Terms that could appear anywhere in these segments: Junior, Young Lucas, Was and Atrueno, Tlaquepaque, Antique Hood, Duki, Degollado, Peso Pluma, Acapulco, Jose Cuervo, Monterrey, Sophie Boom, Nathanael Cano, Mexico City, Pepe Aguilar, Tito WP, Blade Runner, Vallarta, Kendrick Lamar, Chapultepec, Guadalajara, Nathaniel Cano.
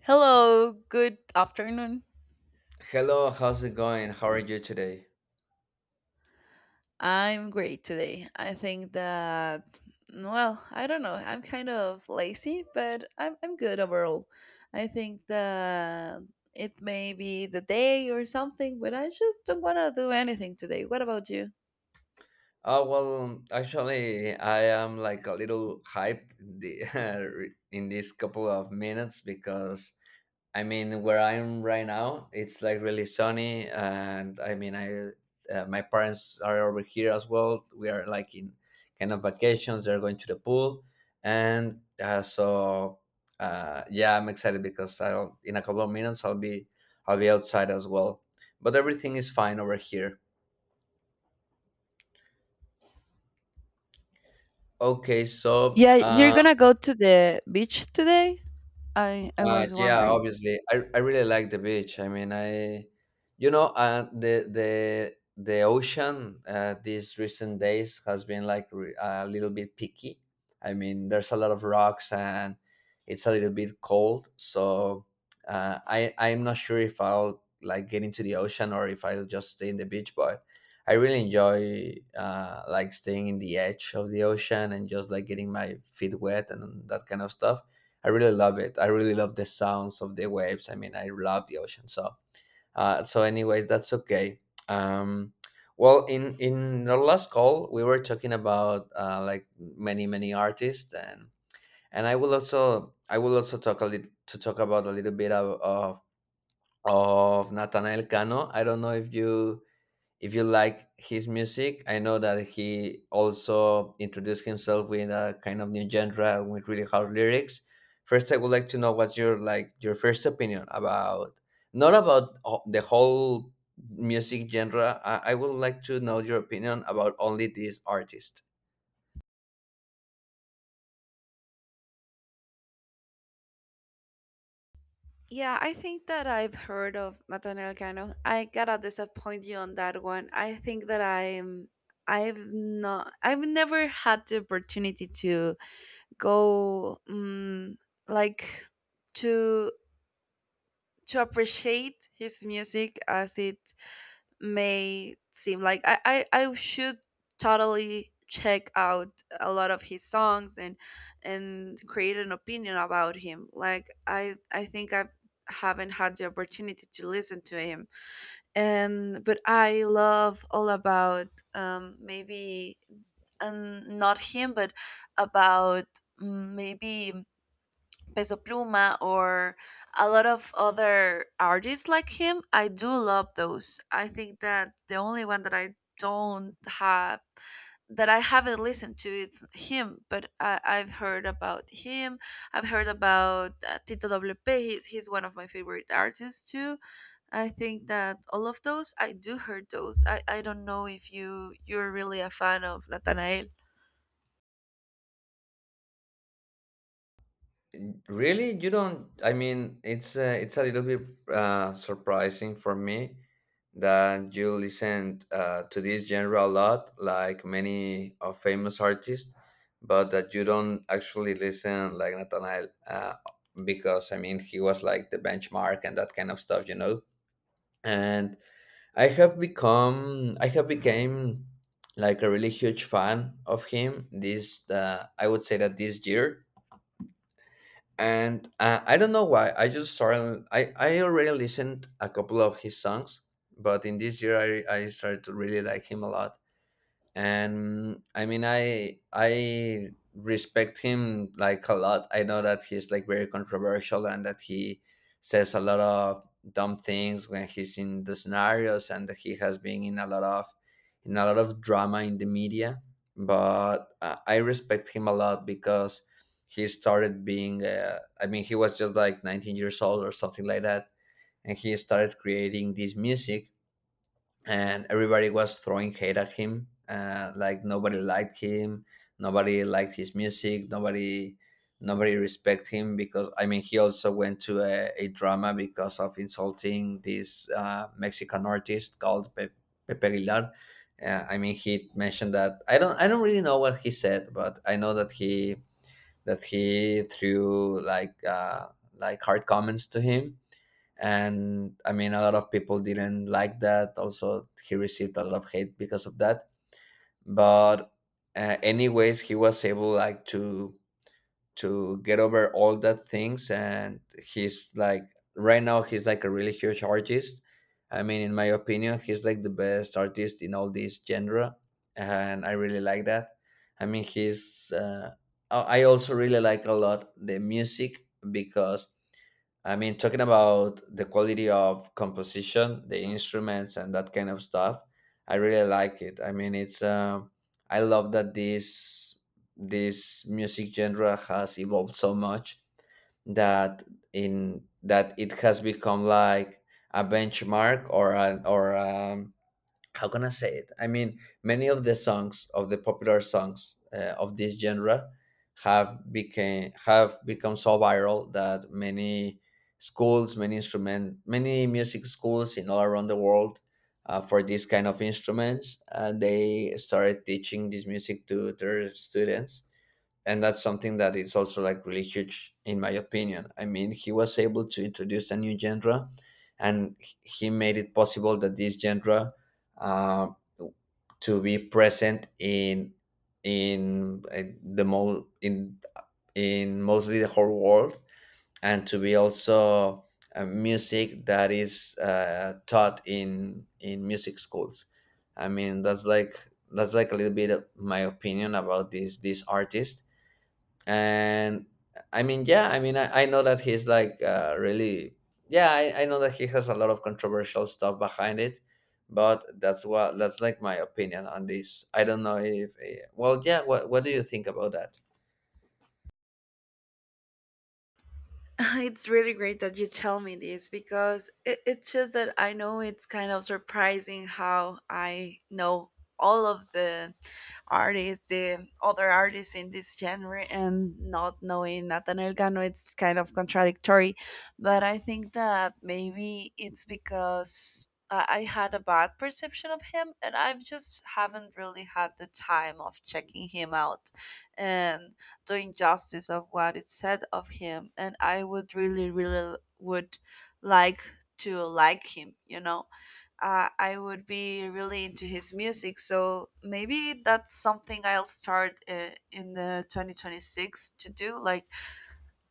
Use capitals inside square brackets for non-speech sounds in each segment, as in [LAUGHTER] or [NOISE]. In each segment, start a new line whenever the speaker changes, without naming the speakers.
Hello, good afternoon.
Hello, how's it going? How are you today?
I'm great today. I think that, well, I don't know. I'm kind of lazy, but I'm good overall. I think that it may be the day or something, but I just don't want to do anything today. What about you?
Oh, well, actually, I am like a little hyped the, [LAUGHS] in this couple of minutes because I mean, where I am right now, it's like really sunny, and I mean, I my parents are over here as well. We are like in kind of vacations. They're going to the pool, and yeah, I'm excited because I'll in a couple of minutes I'll be outside as well. But everything is fine over here. Okay,
Yeah, you're gonna go to the beach today? I was
yeah,
wondering.
obviously. I really like the beach. I mean, the ocean these recent days has been like a little bit picky. I mean, there's a lot of rocks and it's a little bit cold. So I'm not sure if I'll like get into the ocean or if I'll just stay in the beach. But I really enjoy like staying in the edge of the ocean and just like getting my feet wet and that kind of stuff. I really love it. I really love the sounds of the waves. I mean, I love the ocean. So, anyways, that's okay. Um, well, in our last call, we were talking about like many artists, and I will also talk a little to talk about a little bit of Nathanael Cano. I don't know if you like his music. I know that he also introduced himself with a kind of new genre with really hard lyrics. First, I would like to know what's your like your first opinion about not about the whole music genre. I would like to know your opinion about only this artist.
Yeah, I think that I've heard of Nathaniel Cano. I gotta disappoint you on that one. I think that I'm I've never had the opportunity to go like to appreciate his music as it may seem like I should totally check out a lot of his songs and create an opinion about him. Like I think I haven't had the opportunity to listen to him. And but I love all about maybe not him but about maybe Peso Pluma or a lot of other artists like him. I do love those. I think that the only one that I don't have that I haven't listened to is him, but I've heard about him. I've heard about Tito WP. He's one of my favorite artists too. I think that all of those I do heard those. I don't know if you're really a fan of Nathanael.
Really, you don't? I mean, it's a little bit surprising for me that you listen to this genre a lot, like many of famous artists, but that you don't actually listen like Nathaniel, because I mean, he was like the benchmark and that kind of stuff, you know. And I have became like a really huge fan of him. I would say that this year. And I don't know why. I just started. I already listened a couple of his songs, but in this year I started to really like him a lot. And I mean, I respect him like a lot. I know that he's like very controversial and that he says a lot of dumb things when he's in the scenarios, and that he has been in a lot of, drama in the media. But I respect him a lot because he started being I mean, he was just like 19 years old or something like that, and he started creating this music, and everybody was throwing hate at him. Like nobody liked him, nobody liked his music, nobody respect him. Because I mean, he also went to a drama because of insulting this Mexican artist called Pepe Aguilar. I mean, he mentioned that, I don't really know what he said, but I know that he threw like hard comments to him. And I mean, a lot of people didn't like that. Also he received a lot of hate because of that. But anyways, he was able like to get over all that things. And he's like, right now he's like a really huge artist. I mean, in my opinion, he's like the best artist in all this genre. And I really like that. I mean, he's, I also really like a lot the music because I mean, talking about the quality of composition, the instruments and that kind of stuff, I really like it. I mean, it's I love that this music genre has evolved so much that, in that it has become like a benchmark or an or how can I say it? I mean, many of the songs, of the popular songs of this genre have become so viral that many schools, many many music schools in all around the world, for this kind of instruments. They started teaching this music to their students. And that's something that is also like really huge in my opinion. I mean, he was able to introduce a new genre, and he made it possible that this genre, uh, to be present in the mo- in mostly the whole world, and to be also music that is taught in music schools. I mean, that's like, that's like a little bit of my opinion about this artist. And I mean, yeah. I mean, I know that he's like really, yeah, I know that he has a lot of controversial stuff behind it, but that's like my opinion on this. I don't know if, well, yeah, what do you think about that?
[LAUGHS] It's really great that you tell me this because it's just that I know it's kind of surprising how I know all of the artists, the other artists in this genre, and not knowing Nathan Cano, it's kind of contradictory. But I think that maybe it's because I had a bad perception of him, and I've just haven't really had the time of checking him out and doing justice of what is said of him. And I would really, really would like to like him, you know. I would be really into his music. So maybe that's something I'll start in the 2026 to do, like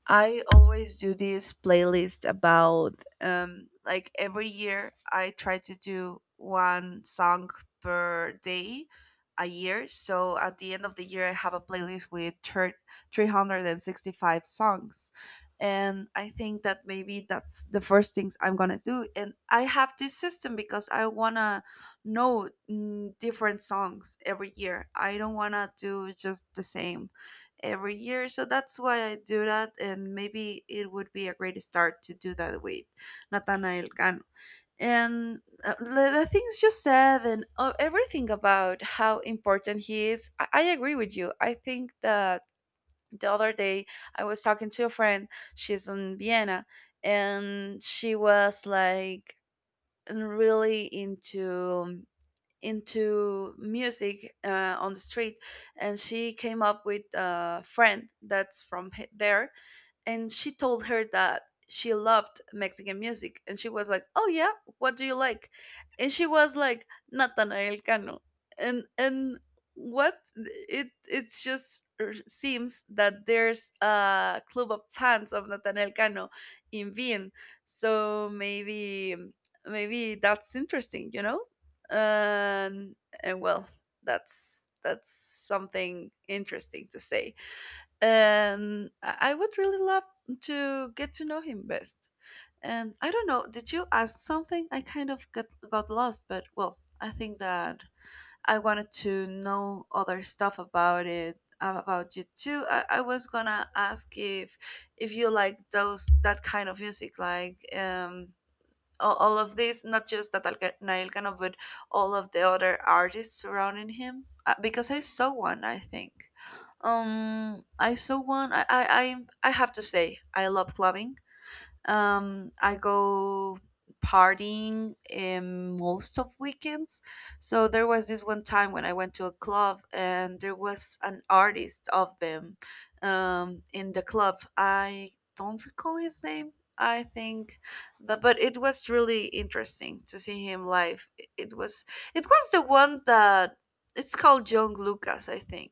I always do this playlist about like every year I try to do one song per day a year. So at the end of the year, I have a playlist with 365 songs. And I think that maybe that's the first things I'm going to do. And I have this system because I want to know different songs every year. I don't want to do just the same every year. So that's why I do that, and maybe it would be a great start to do that with Nathanael Cano. And the things you said and everything about how important he is, I agree with you. I think that the other day I was talking to a friend, she's in Vienna, and she was like really into music on the street, and she came up with a friend that's from there, and she told her that she loved Mexican music, and she was like, "Oh yeah, what do you like?" And she was like, "Natanael Cano." And what it's just seems that there's a club of fans of Natanael Cano in Vienna. So maybe that's interesting, you know? And and well, that's something interesting to say, and I would really love to get to know him best. And I don't know, did you ask something? I kind of got lost, but well, I think that I wanted to know other stuff about about you too. I was gonna ask if you like those that kind of music, like all of this, not just Nael Cano, but all of the other artists surrounding him. Because I saw one, I think. I saw one. I have to say, I love clubbing. I go partying most of weekends. So there was this one time when I went to a club, and there was an artist of them in the club. I don't recall his name. I think, but it was really interesting to see him live. It was the one that it's called Young Lucas, I think.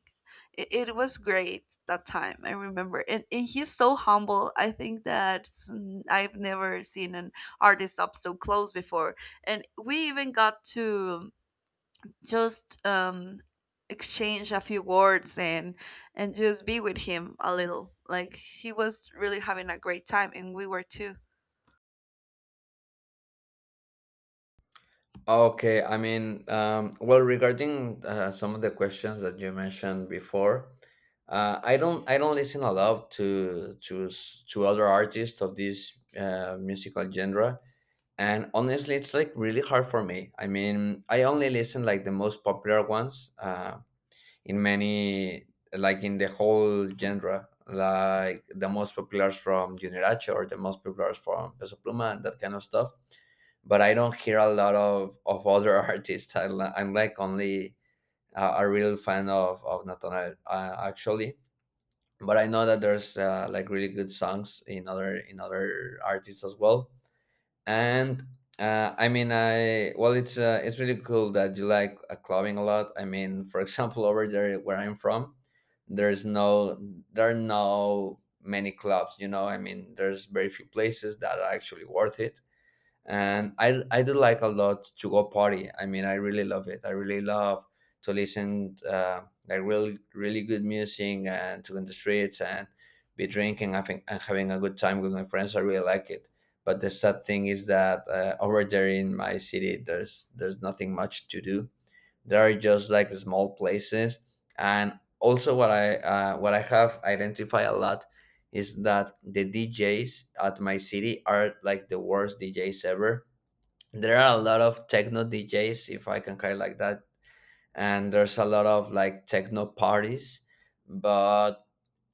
It was great that time, I remember, and, he's so humble. I think that I've never seen an artist up so close before, and we even got to just exchange a few words and just be with him a little. Like he was really having a great time and we were too.
Okay, I mean, well, regarding some of the questions that you mentioned before, I don't listen a lot to to other artists of this musical genre. And honestly, it's like really hard for me. I mean, I only listen like the most popular ones, in many, like in the whole genre, like the most popular from Junior or the most popular from Peso Pluma and that kind of stuff. But I don't hear a lot of other [LAUGHS] artists. I'm like only a real fan of Natanael, actually. But I know that there's like really good songs in other, in other artists as well. And I mean, I well it's really cool that you like clubbing a lot. I mean, [LAUGHS] for example, over there where I'm from, there's no there are no many clubs, you know. I mean, there's very few places that are actually worth it. And I do like a lot to go party. I mean, I really love it. I really love to listen like really good music, and to go in the streets and be and having a good time with my friends. I really like it. But the sad thing is that over there in my city, there's nothing much to do. They're just like the small places. And also what I have identified a lot is that the djs at my city are like the worst djs ever. There are a lot of techno djs, if I can call it like that. And there's a lot of like techno parties. But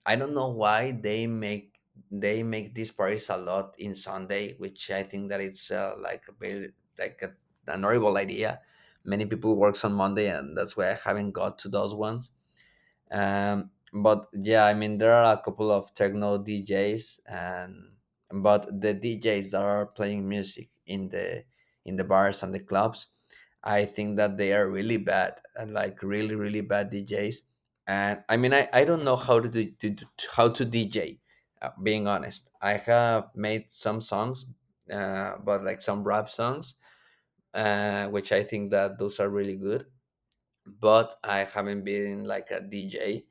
I don't know why they make these parties a lot in Sunday, which I think that it's like a very like a, an horrible idea. Many people works on Monday, and that's why I haven't got to those ones. But yeah, I mean, there are a couple of techno djs. And but the djs that are playing music in the, in the bars and the clubs, I think that they are really bad and like really bad djs. And I mean, I don't know how to, do, to how to dj, being honest. I have made some songs, but like some rap songs, which I think that those are really good. But I haven't been like a dj.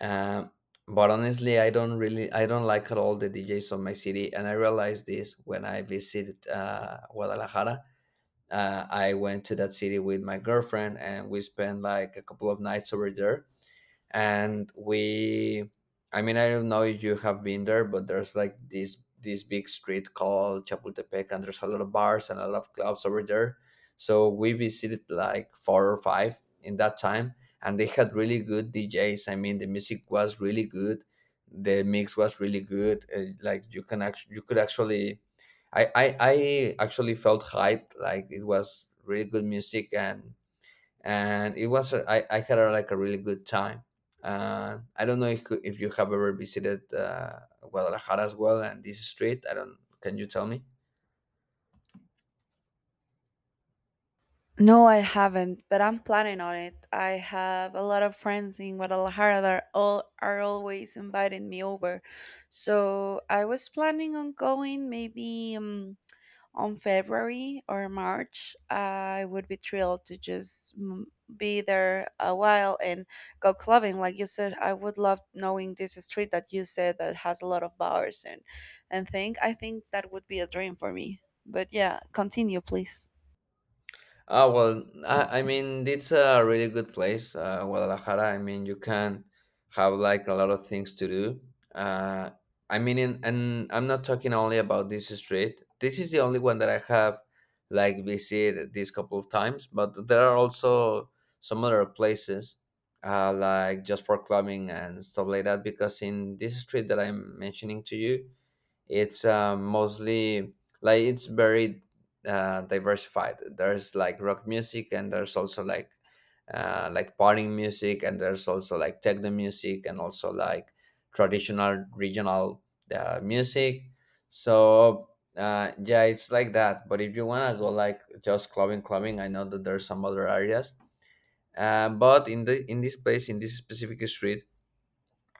um, but honestly, I don't like at all the DJs of my city. And I realized this when I visited Guadalajara. I went to that city with my girlfriend, and we spent like a couple of nights over there. And we I mean, I don't know if you have been there, but there's like this big street called chapultepec, and there's a lot of bars and a lot of clubs over there. So we visited like 4 or 5 in that time. And they had really good djs. I mean, the music was really good, the mix was really good. Uh, like you could actually, I actually felt hyped. Like it was really good music. And it was I had like a really good time. I don't know if, you have ever visited Guadalajara as well and this street. I don't. Can you tell me?
No, I haven't, but I'm planning on it. I have a lot of friends in Guadalajara that are always inviting me over. So I was planning on going maybe on February or March. I would be thrilled to just be there a while and go clubbing. Like you said, I would love knowing this street that you said that has a lot of bars and thing. I think that would be a dream for me. But yeah, continue, please.
Well, I mean, it's a really good place, Guadalajara. I mean, you can have like a lot of things to do. Uh, I mean, and I'm not talking only about this street. This is the only one that I have like visited this couple of times, but there are also some other places like just for clubbing and stuff like that. Because in this street that I'm mentioning to you, it's mostly like it's very diversified. There's like rock music and there's also like partying music and there's also like techno music and also like traditional regional music. So yeah, it's like that, but if you want to go like just clubbing, I know that there's some other areas. But in this place, in this specific street,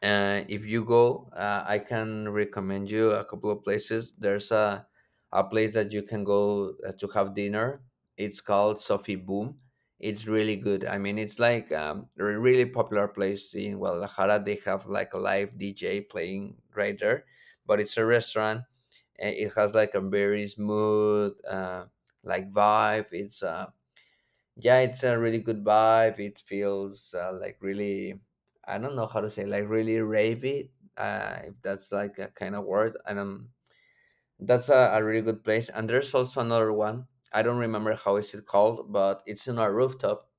if you go, I can recommend you a couple of places. There's a place that you can go to have dinner. It's called Sophie Boom. It's really good. I mean, it's like a really popular place in Guadalajara. They have like a live DJ playing right there, but it's a restaurant. It has like a very smooth like vibe. It's yeah, it's a really good vibe. It feels like really, I don't know how to say, like really ravey, if that's like a kind of word. And that's a really good place. And there's also another one. I don't remember how is it called, but it's on a rooftop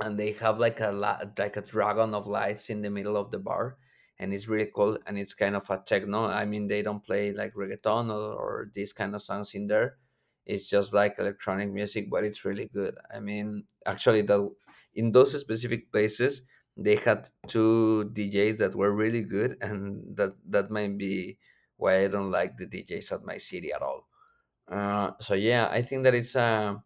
and they have like like a dragon of lights in the middle of the bar, and it's really cool. And it's kind of a techno. I mean, they don't play like reggaeton or these kind of songs in there. It's just like electronic music, but it's really good. I mean, actually, the, in those specific places, they had two DJs that were really good, and that might be why I don't like the DJs at my city at all. So yeah, I think that it's a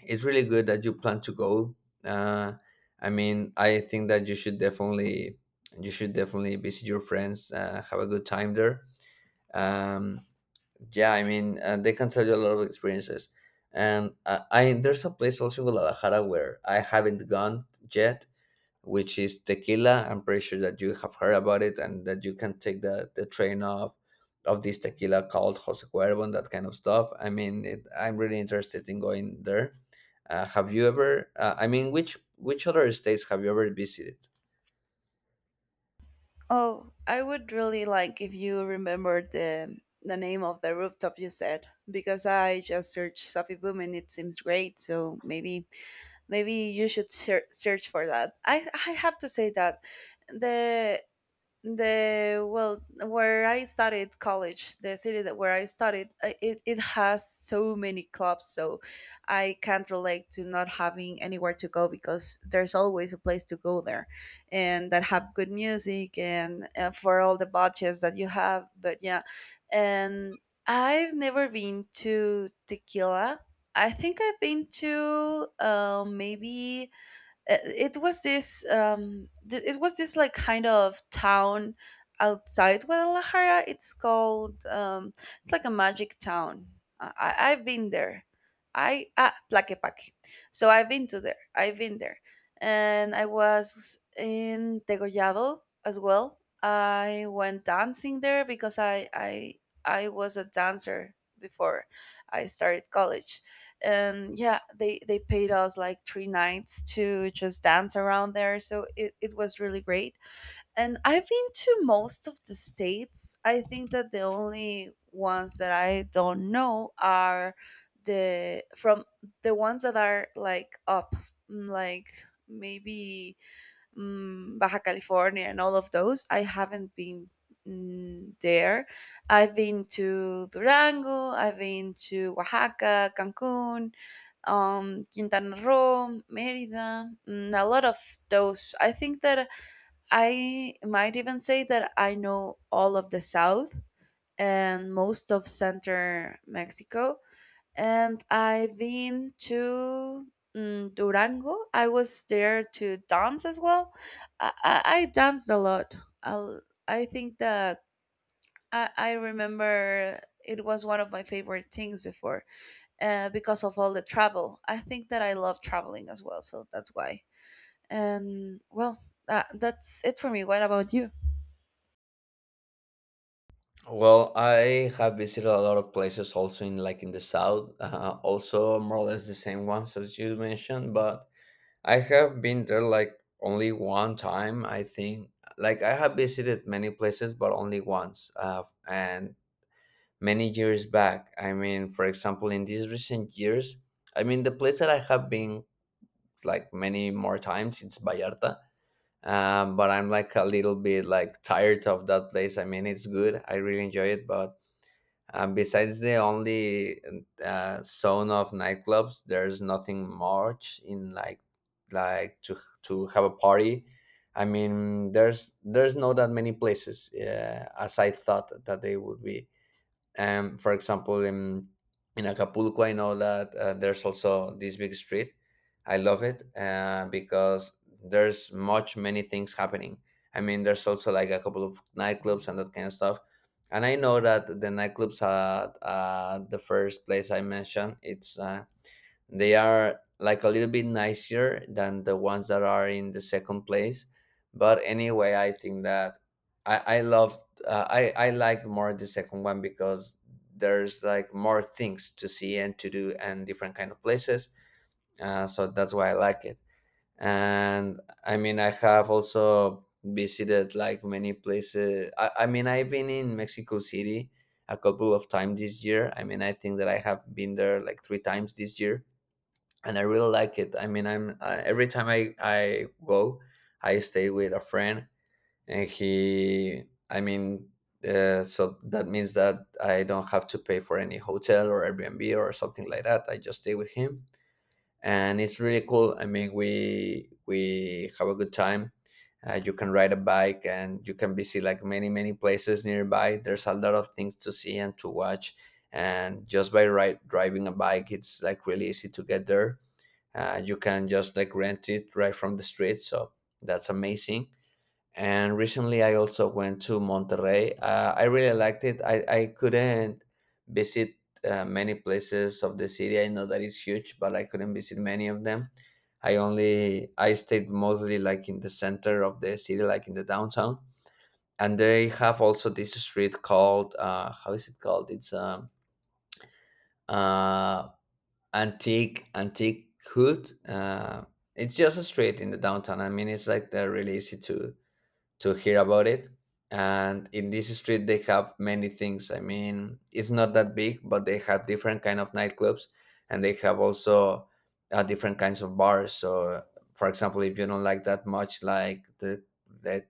it's really good that you plan to go. Uh, I mean, I think that you should definitely visit your friends, have a good time there. Um, yeah, I mean, they can tell you a lot of experiences. And I, there's a place also in Guadalajara where I haven't gone yet, which is Tequila. I'm pretty sure that you have heard about it, and that you can take the train of this tequila called Jose Cuervo and that kind of stuff. I mean, it, I'm really interested in going there. Have you ever? I mean, which other states have you ever visited?
Oh, I would really like if you remembered the name of the rooftop you said, because I just searched Sophie Boom and it seems great. So maybe you should search for that. I have to say that the the well, where I studied college, the city that where I studied, it, it has so many clubs, so I can't relate to not having anywhere to go because there's always a place to go there, and that have good music, and for all the budgets that you have. But yeah, and I've never been to tequila. I think I've been to maybe it was this it was this like kind of town outside Guadalajara, it's called it's like a magic town. I've been there. I ah, Tlaquepaque. So I've been to there, I've been there. And I was in Degollado as well. I went dancing there because I was a dancer before I started college. And yeah, they paid us like three nights to just dance around there, so it was really great. And I've been to most of the states. I think that the only ones that I don't know are the from the ones that are like up, like maybe Baja California and all of those. I haven't been there. I've been to Durango, I've been to Oaxaca, Cancun, Quintana Roo, Merida, a lot of those. I think that I might even say that I know all of the South and most of Center Mexico, and I've been to Durango. I was there to dance as well. I danced a lot. i I think that I remember it was one of my favorite things before, because of all the travel. I think that I love traveling as well, so that's why. And well, that's it for me. What about you?
Well, I have visited a lot of places also in like in the south, also more or less the same ones as you mentioned, but I have been there like only one time, I think. Like I have visited many places, but only once, and many years back. I mean, for example, in these recent years, I mean, the place that I have been like many more times, it's Vallarta. But I'm like a little bit like tired of that place. I mean, it's good. I really enjoy it, but besides the only zone of nightclubs, there's nothing much in like to have a party. I mean, there's not that many places as I thought that they would be. For example, in Acapulco, I know that there's also this big street. I love it because there's much many things happening. I mean, there's also like a couple of nightclubs and that kind of stuff. And I know that the nightclubs at the first place I mentioned, it's they are like a little bit nicer than the ones that are in the second place. But anyway, I think that I love, I liked more the second one because there's like more things to see and to do and different kind of places, so that's why I like it. And I mean, I have also visited like many places. I mean, I've been in Mexico City a couple of times this year. I mean, I think that I have been there like three times this year, and I really like it. I mean, I'm every time I go, I stay with a friend, and he. I mean, so that means that I don't have to pay for any hotel or Airbnb or something like that. I just stay with him, and it's really cool. I mean, we have a good time. You can ride a bike and you can visit like many many places nearby. There's a lot of things to see and to watch, and just by ride, driving a bike, it's like really easy to get there. You can just like rent it right from the street, so that's amazing. And recently I also went to Monterrey. I really liked it. I couldn't visit many places of the city. I know that it's huge, but I couldn't visit many of them. I only I stayed mostly like in the center of the city, like in the downtown. And they have also this street called how is it called. It's uh, Antique Antique Hood. It's just a street in the downtown. I mean, it's like they're really easy to hear about it. And in this street, they have many things. I mean, it's not that big, but they have different kind of nightclubs, and they have also different kinds of bars. So, for example, if you don't like that much, like the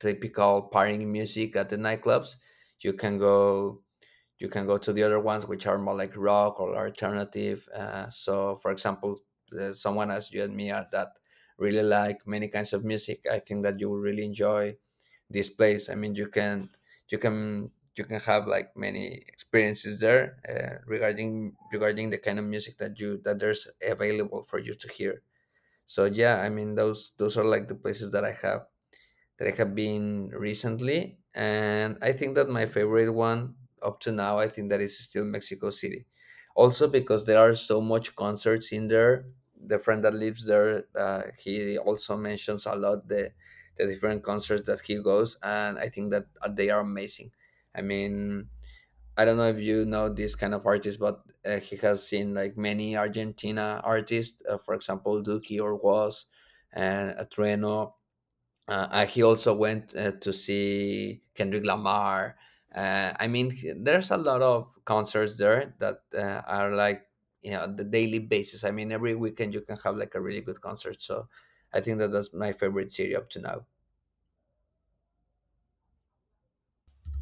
typical partying music at the nightclubs, you can go to the other ones which are more like rock or alternative. So, for example, someone as you and me are, that really like many kinds of music, I think that you will really enjoy this place. I mean, you can you can have like many experiences there regarding the kind of music that you, that there's available for you to hear. So yeah, I mean, those are like the places that I have been recently, and I think that my favorite one up to now, I think that is still Mexico City. Also because there are so much concerts in there. The friend that lives there, he also mentions a lot the different concerts that he goes, and I think that they are amazing. I mean, I don't know if you know this kind of artist, but he has seen like many Argentina artists, for example, Duki or Was and Atrueno. He also went to see Kendrick Lamar. I mean, he, there's a lot of concerts there that are like, you know, the daily basis. I mean, every weekend you can have like a really good concert. So I think that that's my favorite city up to now.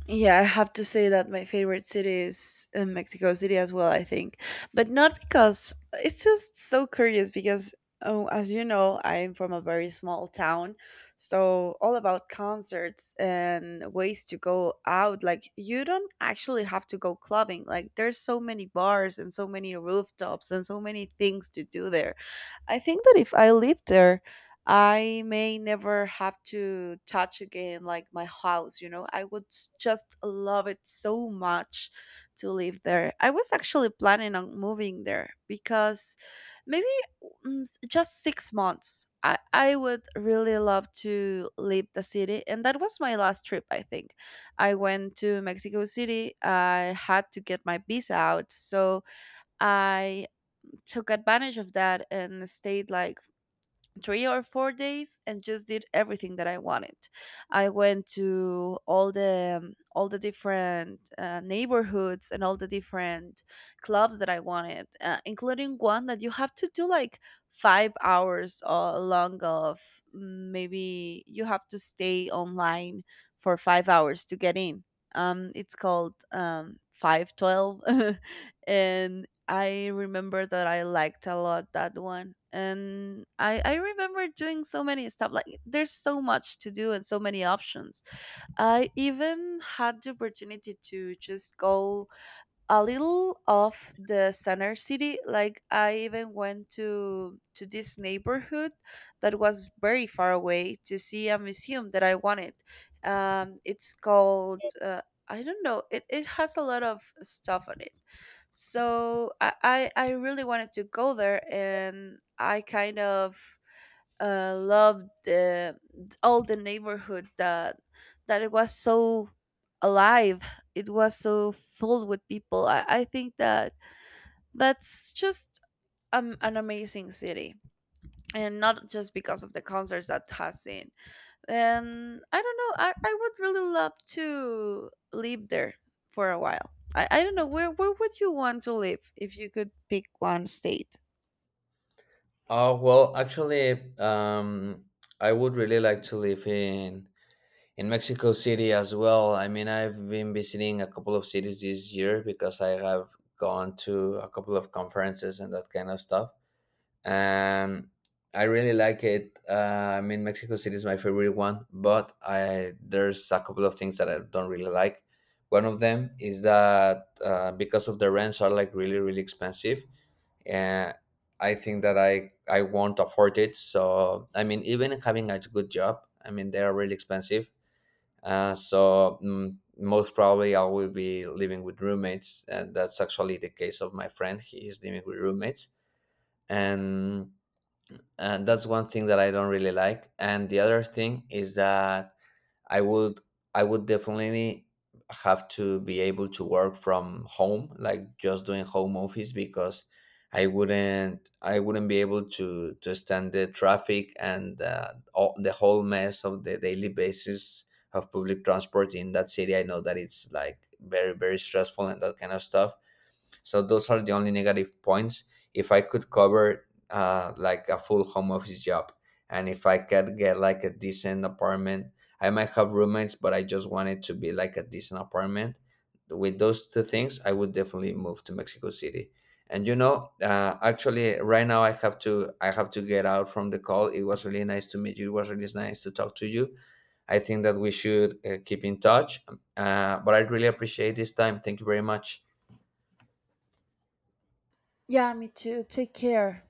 Yeah, I have to say that my favorite city is Mexico City as well, I think. But not because it's just so curious, because oh, as you know, I'm from a very small town. So all about concerts and ways to go out. Like you don't actually have to go clubbing. Like there's so many bars and so many rooftops and so many things to do there. I think that if I live there, I may never have to touch again like my house, you know. I would just love it so much to live there. I was actually planning on moving there because maybe just 6 months. I would really love to leave the city. And that was my last trip, I think. I went to Mexico City. I had to get my visa out. So I took advantage of that and stayed like 3 or 4 days and just did everything that I wanted. I went to all the different neighborhoods and all the different clubs that I wanted, including one that you have to do like 5 hours long of maybe you have to stay online for 5 hours to get in. It's called 512 [LAUGHS] and I remember that I liked a lot that one. And I remember doing so many stuff. Like, there's so much to do and so many options. I even had the opportunity to just go a little off the center city. Like I even went to this neighborhood that was very far away to see a museum that I wanted. It's called I don't know, it has a lot of stuff on it. So I really wanted to go there, and I kind of loved all the neighborhood, that it was so alive, it was so filled with people. I think that that's just an amazing city, and not just because of the concerts that has seen. And I don't know, I would really love to live there for a while. I don't know where would you want to live if you could pick one state?
Oh well, actually, I would really like to live in Mexico City as well. I mean, I've been visiting a couple of cities this year because I have gone to a couple of conferences and that kind of stuff, and I really like it. I mean, Mexico City is my favorite one, but I, there's a couple of things that I don't really like. One of them is that because of the rents are like really really expensive, and I think that I won't afford it. So I mean, even having a good job, I mean they are really expensive. So most probably I will be living with roommates, and that's actually the case of my friend. He is living with roommates, and that's one thing that I don't really like. And the other thing is that I would I would definitely have to be able to work from home, like just doing home office, because I wouldn't be able to stand the traffic and the whole mess of the daily basis of public transport in that city. I know that it's like very very stressful and that kind of stuff. So those are the only negative points. If I could cover like a full home office job, and if I could get like a decent apartment, I might have roommates, but I just want it to be like a decent apartment. With those two things, I would definitely move to Mexico City. And you know, actually, right now I have to get out from the call. It was really nice to meet you. It was really nice to talk to you. I think that we should keep in touch. But I really appreciate this time. Thank you very much.
Yeah, me too. Take care.